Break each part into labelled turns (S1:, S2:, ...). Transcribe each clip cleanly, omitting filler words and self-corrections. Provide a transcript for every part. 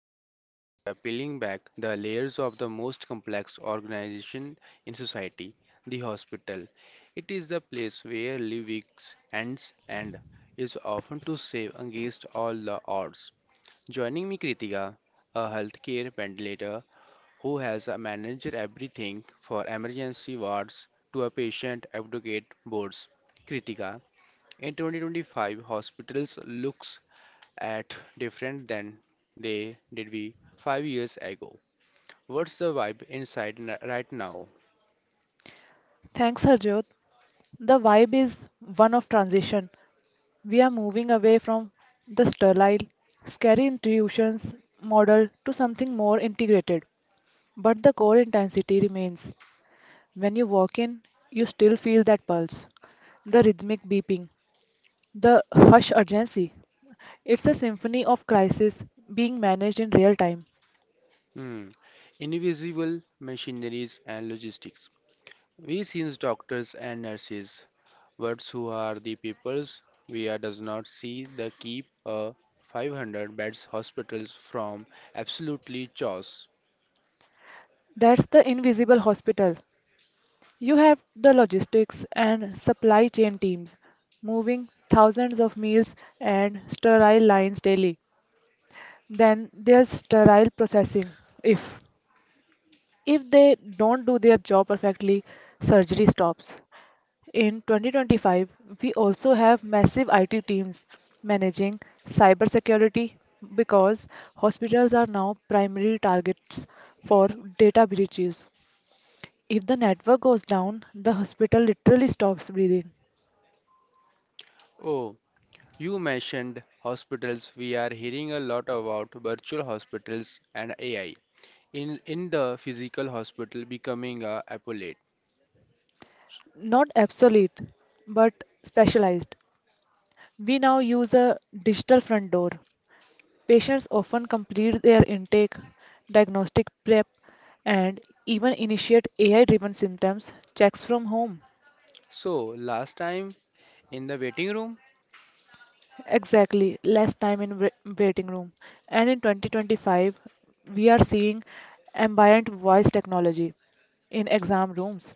S1: Today we are peeling back the layers of the most complex organization in society, the hospital. It is the place where living ends and is often to save against all the odds. Joining me Kritika, a healthcare ventilator who has managed everything for emergency wards to a patient advocate boards. Kritika, in 2025, hospitals looks at different than they did we 5 years ago. What's the vibe inside right now?
S2: Thanks, Harjot. The vibe is one of transition. We are moving away from the sterile, scary institutions model to something more integrated. But the core intensity remains. When you walk in, you still feel that pulse, the rhythmic beeping, the hush urgency. It's a symphony of crisis being managed in real time.
S1: Hmm. Invisible machineries and logistics. We see doctors and nurses, but who are the peoples we are does not see the keep a 500 beds hospitals from absolutely chaos.
S2: That's the invisible hospital. You have the logistics and supply chain teams moving thousands of meals and sterile lines daily. Then there's sterile processing. If if they don't do their job perfectly, surgery stops. In 2025, we also have massive IT teams managing cybersecurity because hospitals are now primary targets for data breaches. If the network goes down, the hospital literally stops breathing.
S1: Oh, you mentioned hospitals. We are hearing a lot about virtual hospitals and AI in the physical hospital becoming a appellate.
S2: Not obsolete, but specialized. We now use a digital front door. Patients often complete their intake, diagnostic prep, and even initiate AI driven symptoms checks from home.
S1: So last time in the waiting room.
S2: Exactly, less time in waiting room. And in 2025, we are seeing ambient voice technology in exam rooms.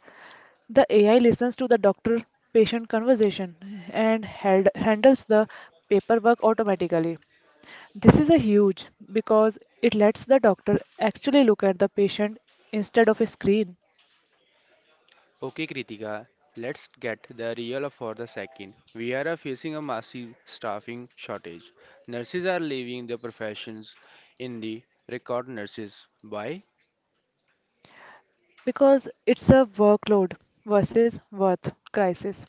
S2: The AI listens to the doctor-patient conversation and handles the paperwork automatically. This is a huge because it lets the doctor actually look at the patient instead of a screen
S1: Okay, Kritika, let's get the real for the second. We are facing a massive staffing shortage. Nurses are leaving the professions in the record nurses. Why?
S2: because it's a workload versus worth crisis.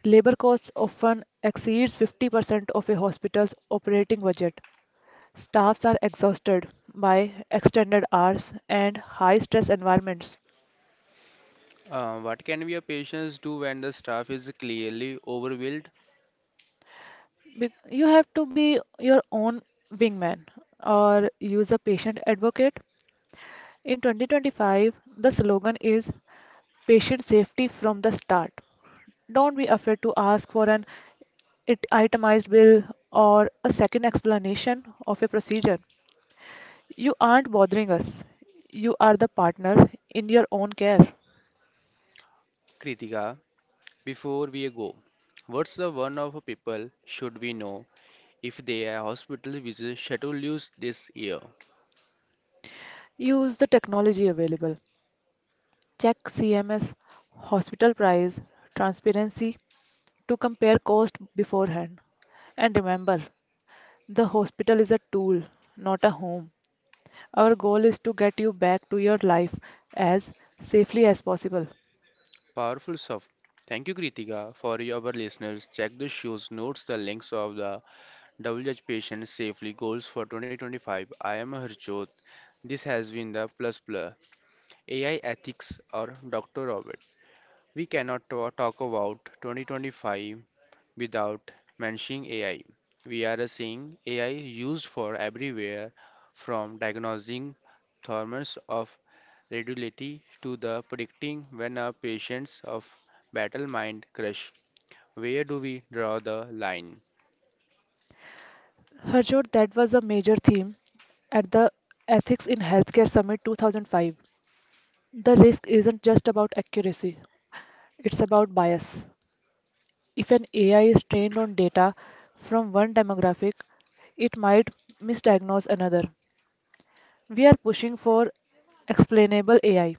S2: Labor costs often exceeds 50% of a hospital's operating budget. Staffs are exhausted by extended hours and high stress environments.
S1: What can we patients do when the staff is clearly overwhelmed?
S2: You have to be your own wingman or use a patient advocate. In 2025, the slogan is patient safety from the start. Don't be afraid to ask for an itemized bill or a second explanation of a procedure. You aren't bothering us. You are the partner in your own care.
S1: Kritika, before we go. What's the one of people should we know if their hospital visit schedule this year?
S2: Use the technology available. Check CMS, hospital price, transparency to compare cost beforehand. And remember, the hospital is a tool, not a home. Our goal is to get you back to your life as safely as possible.
S1: Powerful stuff. Thank you, Kritika. For your our listeners, check the show's notes, the links of the WH Patient Safely Goals for 2025. I am Harjot. This has been the Plus Plus AI Ethics or Dr. Robert. We cannot talk about 2025 without mentioning AI. We are seeing AI used for everywhere from diagnosing thermals of radiology to the predicting when a patient's of battle mind crush where do we draw the line?
S2: Harjot, that was a major theme at the Ethics in Healthcare Summit 2005. The risk isn't just about accuracy, it's about bias. If an AI is trained on data from one demographic, it might misdiagnose another. We are pushing for explainable AI,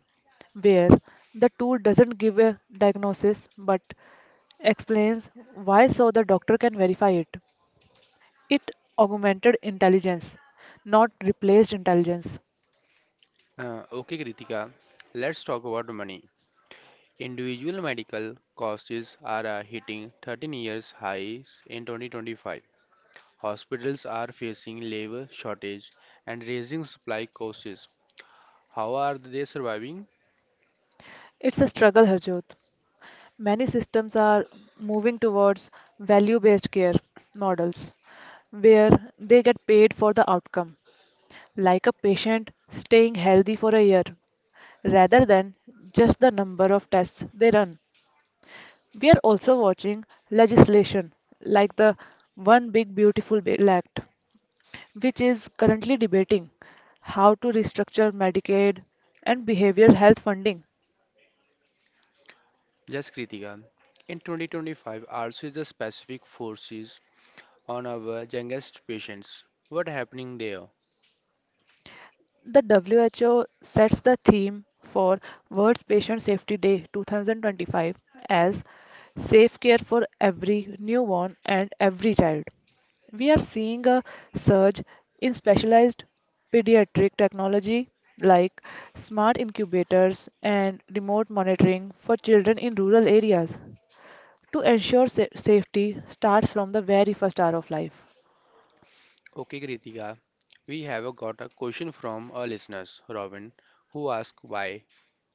S2: where the tool doesn't give a diagnosis but explains why so the doctor can verify it. It augmented intelligence, not replaced intelligence.
S1: Okay, Kritika, let's talk about money. Individual medical costs are hitting 13 years highs in 2025. Hospitals are facing labor shortage and raising supply costs. How are they surviving?
S2: It's a struggle, Harjot. Many systems are moving towards value-based care models where they get paid for the outcome, like a patient staying healthy for a year rather than just the number of tests they run. We are also watching legislation like the One Big Beautiful Bill Act, which is currently debating how to restructure Medicaid and behavioral health funding.
S1: Yes, Kritika. In 2025, also the specific forces on our youngest patients. What happening there?
S2: The WHO sets the theme for World Patient Safety Day 2025 as Safe Care for Every Newborn and Every Child. We are seeing a surge in specialized pediatric technology like smart incubators and remote monitoring for children in rural areas to ensure safety starts from the very first hour of life.
S1: Okay, Kritika, we have got a question from a listeners, Robin, who asked why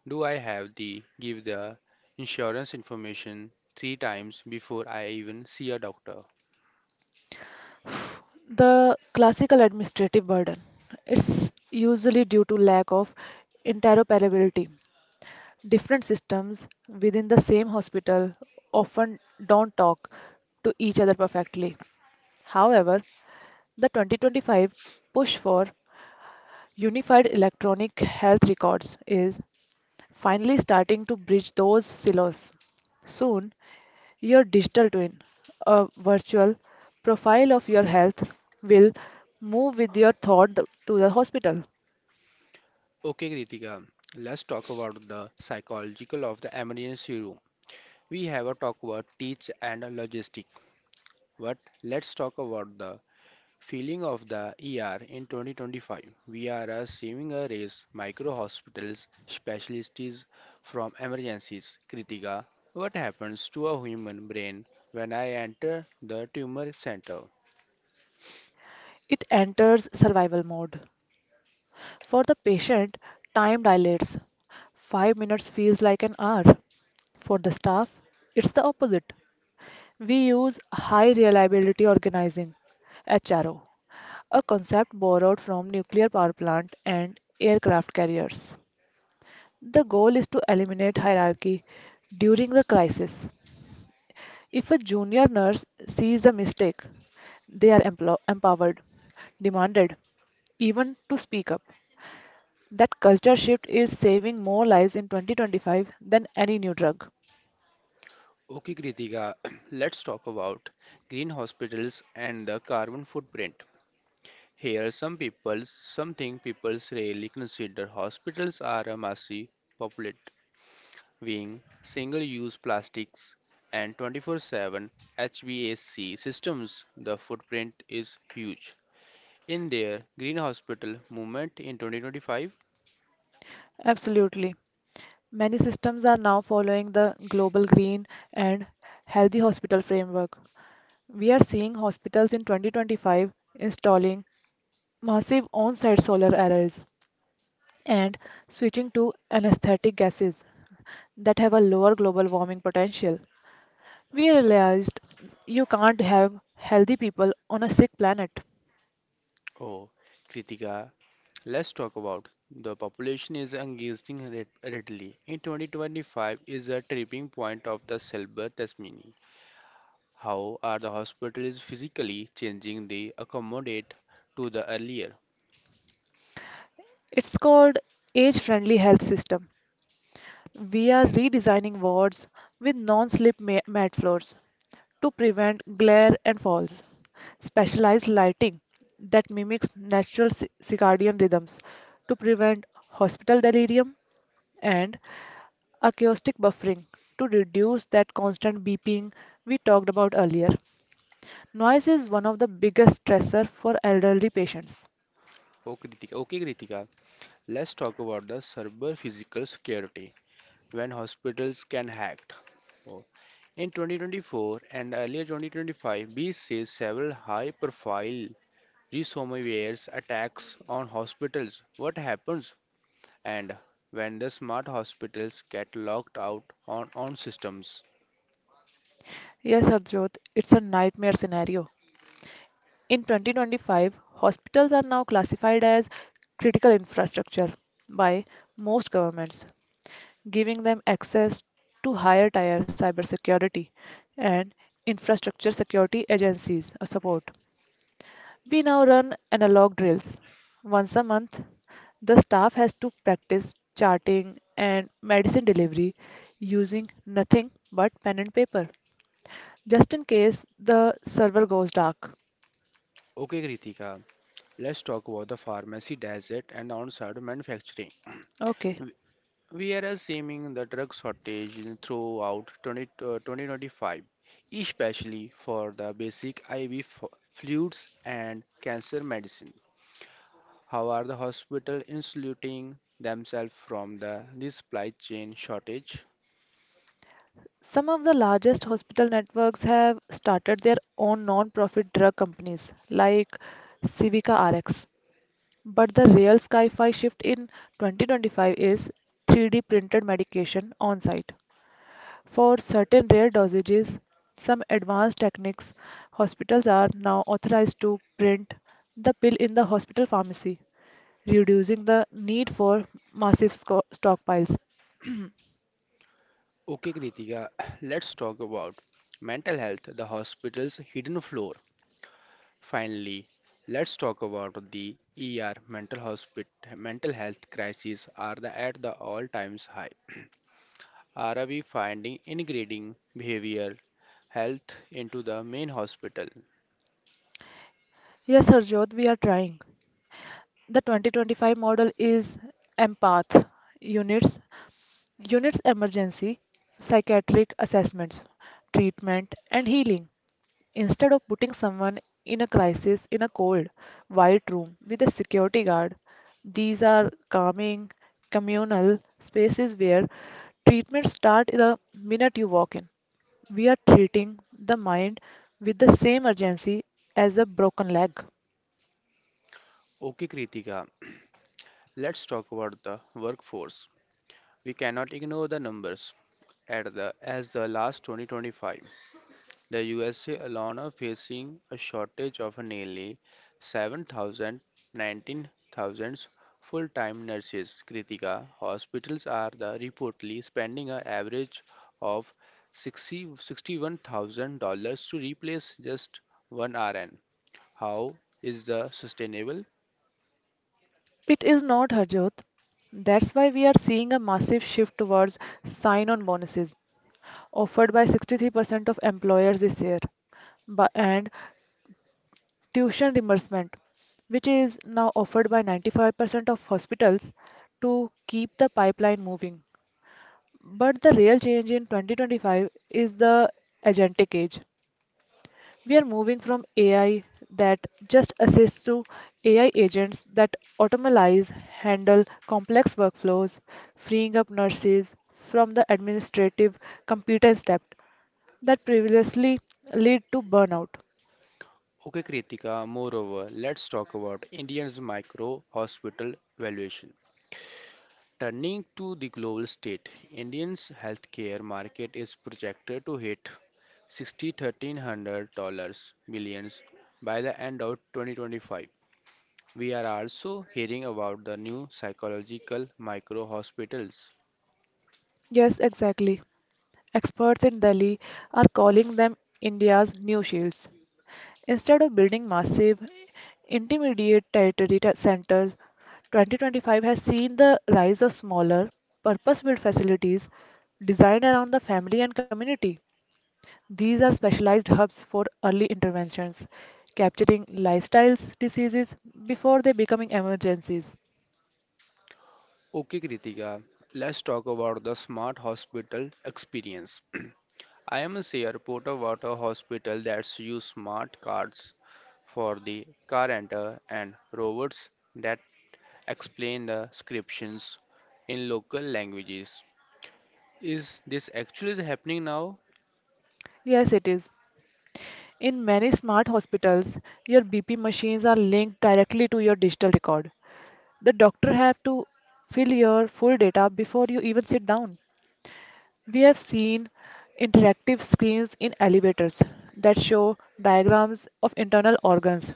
S1: do I have the give the insurance information three times before I even see a doctor?
S2: The classical administrative burden. It's usually due to lack of interoperability. Different systems within the same hospital often don't talk to each other perfectly. However, the 2025 push for unified electronic health records is finally starting to bridge those silos. Soon, your digital twin, a virtual profile of your health, will move with your to the hospital.
S1: Okay, Kritika, let's talk about the psychological of the emergency room. We have a talk about teach and logistic, but let's talk about the feeling of the ER in 2025. We are seeing a race micro hospitals specialties from emergencies. Kritika, what happens to a human brain when I enter the tumor center?
S2: It enters survival mode. For the patient, time dilates. 5 minutes feels like an hour. For the staff, it's the opposite. We use high reliability organizing, HRO, a concept borrowed from nuclear power plant and aircraft carriers. The goal is to eliminate hierarchy during the crisis. If a junior nurse sees a mistake, they are empowered, demanded, even to speak up. That culture shift is saving more lives in 2025 than any new drug.
S1: Okay, Kritika, let's talk about green hospitals and the carbon footprint. Here, something people rarely consider. Hospitals are a massive populate weighing single use plastics and 24/7 HVAC systems, the footprint is huge. In their Green Hospital movement in 2025,
S2: Absolutely. Many systems are now following the global green and healthy hospital framework. We are seeing hospitals in 2025 installing massive on site solar arrays and switching to anesthetic gases that have a lower global warming potential. We realized you can't have healthy people on a sick planet.
S1: oh, Kritika, let's talk about the population is engaging readily. In 2025 is a tipping point of the silver Tasmini. How are the hospitals physically changing the accommodate to the earlier?
S2: It's called Age Friendly Health System. We are redesigning wards with non-slip mat floors to prevent glare and falls. Specialized lighting that mimics natural circadian rhythms to prevent hospital delirium and acoustic buffering to reduce that constant beeping we talked about earlier. Noise is one of the biggest stressor for elderly patients.
S1: Oh, Kritika. Okay, Kritika, let's talk about the cyber physical security when hospitals can hacked. Oh. In 2024 and earlier 2025, we see several high profile ransomware attacks on hospitals. What happens and when the smart hospitals get locked out on systems?
S2: Yes, Harjot, it's a nightmare scenario. In 2025, hospitals are now classified as critical infrastructure by most governments, giving them access to higher tier cybersecurity and infrastructure security agencies support. We now run analog drills. Once a month, the staff has to practice charting and medicine delivery using nothing but pen and paper, just in case the server goes dark.
S1: Okay, Kritika, let's talk about the pharmacy desert and on site manufacturing.
S2: Okay,
S1: We are assuming the drug shortage in throughout 2025, especially for the basic IV fluids and cancer medicine. How are the hospital insulating themselves from the this supply chain shortage?
S2: some of the largest hospital networks have started their own non-profit drug companies like Civica RX. But the real sci-fi shift in 2025 is 3D printed medication on site. For certain rare dosages, some advanced techniques, hospitals are now authorized to print the pill in the hospital pharmacy, reducing the need for massive stockpiles.
S1: Okay, Kritika, let's talk about mental health, the hospital's hidden floor. Finally, let's talk about the ER mental hospital mental health crises are at the all times high. Are we finding ingrained behavioral health into the main hospital?
S2: Yes, Harjot, we are trying. The 2025 model is empath units, units emergency, psychiatric assessments, treatment, and healing. Instead of putting someone in a crisis in a cold, white room with a security guard, these are calming, communal spaces where treatment starts the minute you walk in. We are treating the mind with the same urgency as a broken leg.
S1: Okay, Kritika, let's talk about the workforce. We cannot ignore the numbers at the as the last 2025. The USA alone are facing a shortage of nearly 7,000 19,000 full-time nurses. Kritika, hospitals are the reportedly spending an average of 60, $61,000 to replace just one RN. How is the sustainable?
S2: It is not, Harjot. That's why we are seeing a massive shift towards sign on bonuses offered by 63% of employers this year, and tuition reimbursement, which is now offered by 95% of hospitals to keep the pipeline moving. But the real change in 2025 is the agentic age. We are moving from AI that just assists to AI agents that automatize, handle complex workflows, freeing up nurses from the administrative competence debt that previously led to burnout.
S1: Okay, Kritika, moreover, let's talk about India's micro hospital valuation. Turning to the global state, India's healthcare market is projected to hit $60,300 billions by the end of 2025. We are also hearing about the new psychological micro hospitals.
S2: Yes, exactly. Experts in Delhi are calling them India's new shields. Instead of building massive intermediate centers, 2025 has seen the rise of smaller, purpose built facilities designed around the family and community. These are specialized hubs for early interventions, capturing lifestyles diseases before they becoming emergencies.
S1: Okay, Kritika, let's talk about the smart hospital experience. I am a report about a hospital that's use smart cards for the car enter and robots that explain the scriptions in local languages. Is this actually happening now?
S2: Yes, it is. In many smart hospitals, your BP machines are linked directly to your digital record. The doctor have to fill your full data before you even sit down. We have seen interactive screens in elevators that show diagrams of internal organs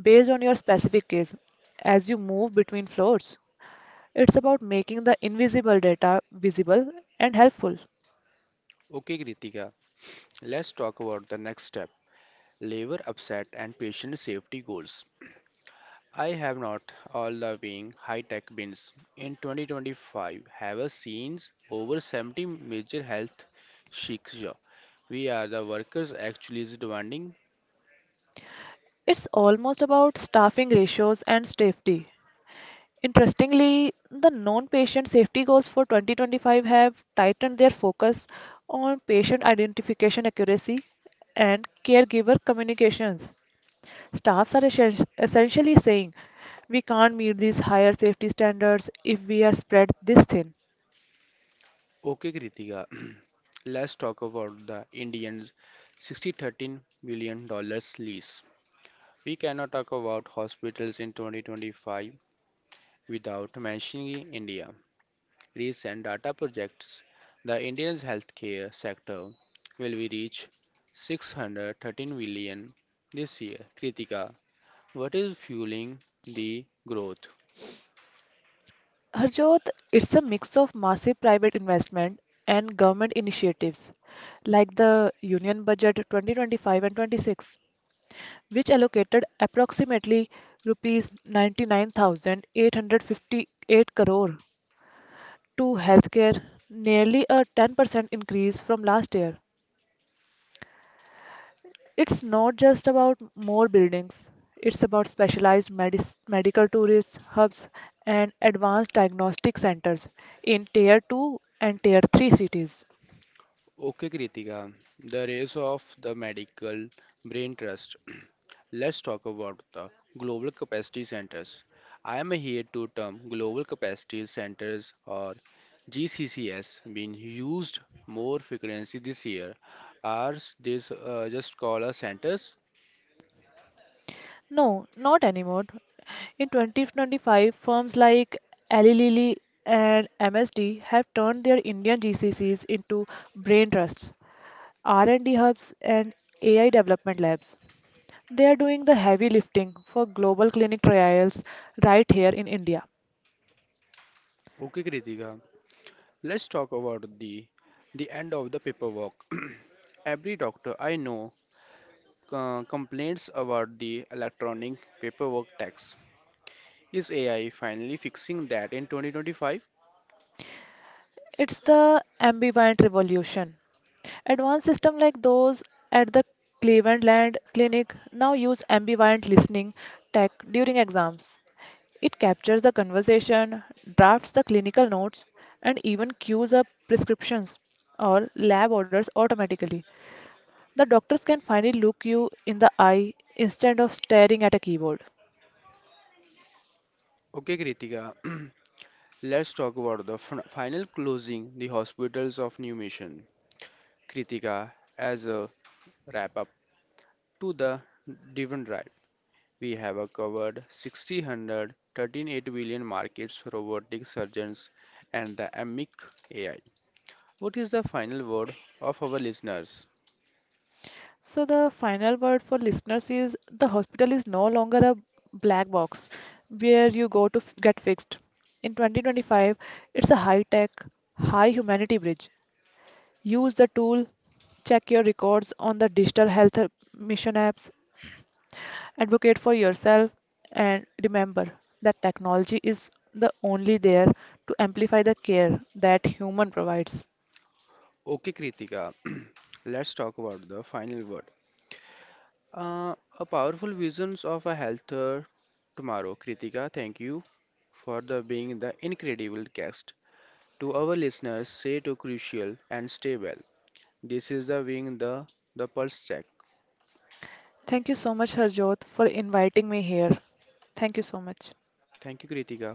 S2: based on your specific case as you move between floors. It's about making the invisible data visible and helpful.
S1: Okay, Kritika, let's talk about the next step labor upset and patient safety goals. I have not all the being high tech bins in 2025 have seen over 70 major health shiksha. We are the workers actually is demanding.
S2: It's almost about staffing ratios and safety. Interestingly, the non-patient safety goals for 2025 have tightened their focus on patient identification accuracy and caregiver communications. Staffs are essentially saying, we can't meet these higher safety standards if we are spread this thin.
S1: Okay, Kritika, let's talk about the Indians 60 $13 billion lease. We cannot talk about hospitals in 2025 without mentioning India. Recent data projects the Indian healthcare sector will reach 613 billion this year. Kritika, what is fueling the growth?
S2: Harjot, it's a mix of massive private investment and government initiatives like the Union Budget 2025 and 26, which allocated approximately rupees 99,858 crore to healthcare, nearly a 10% increase from last year. It's not just about more buildings, it's about specialized medical tourist hubs and advanced diagnostic centers in tier 2 and tier 3 cities.
S1: Okay, Kritika, the rise of the medical brain trust. Let's talk about the global capacity centers. I am here to term global capacity centers or GCCS being used more frequently this year. Are these just call as centers?
S2: No, not anymore. In 2025, firms like Eli Lilly and MSD have turned their Indian GCCs into brain trusts, R&D hubs, and AI development labs. They are doing the heavy lifting for global clinical trials right here in India.
S1: Okay, Kritika, let's talk about the end of the paperwork. Every doctor I know complains about the electronic paperwork tax. Is AI finally fixing that in 2025?
S2: It's the ambient revolution. Advanced systems like those at the Cleveland Land Clinic now use ambient listening tech during exams. It captures the conversation, drafts the clinical notes, and even queues up prescriptions or lab orders automatically. The doctors can finally look you in the eye instead of staring at a keyboard.
S1: Okay, Kritika, let's talk about the final closing the hospitals of new mission. Kritika, as a wrap up to the Divan Drive, we have covered 1600 13.8 billion markets, robotic surgeons, and the amic AI. What is the final word of our listeners?
S2: So the final word for listeners is the hospital is no longer a black box where you go to get fixed. In 2025, it's a high-tech, high humanity bridge. Use the tool, check your records on the digital health mission apps, advocate for yourself, and remember that technology is the only there to amplify the care that human provides.
S1: Okay, Kritika, let's talk about the final word. A powerful visions of a healthier tomorrow. Kritika, thank you for the being the incredible guest. To our listeners, stay to crucial and stay well. This is the being the pulse check.
S2: Thank you so much, Harjot, for inviting me here. Thank you so much.
S1: Thank you, Kritika.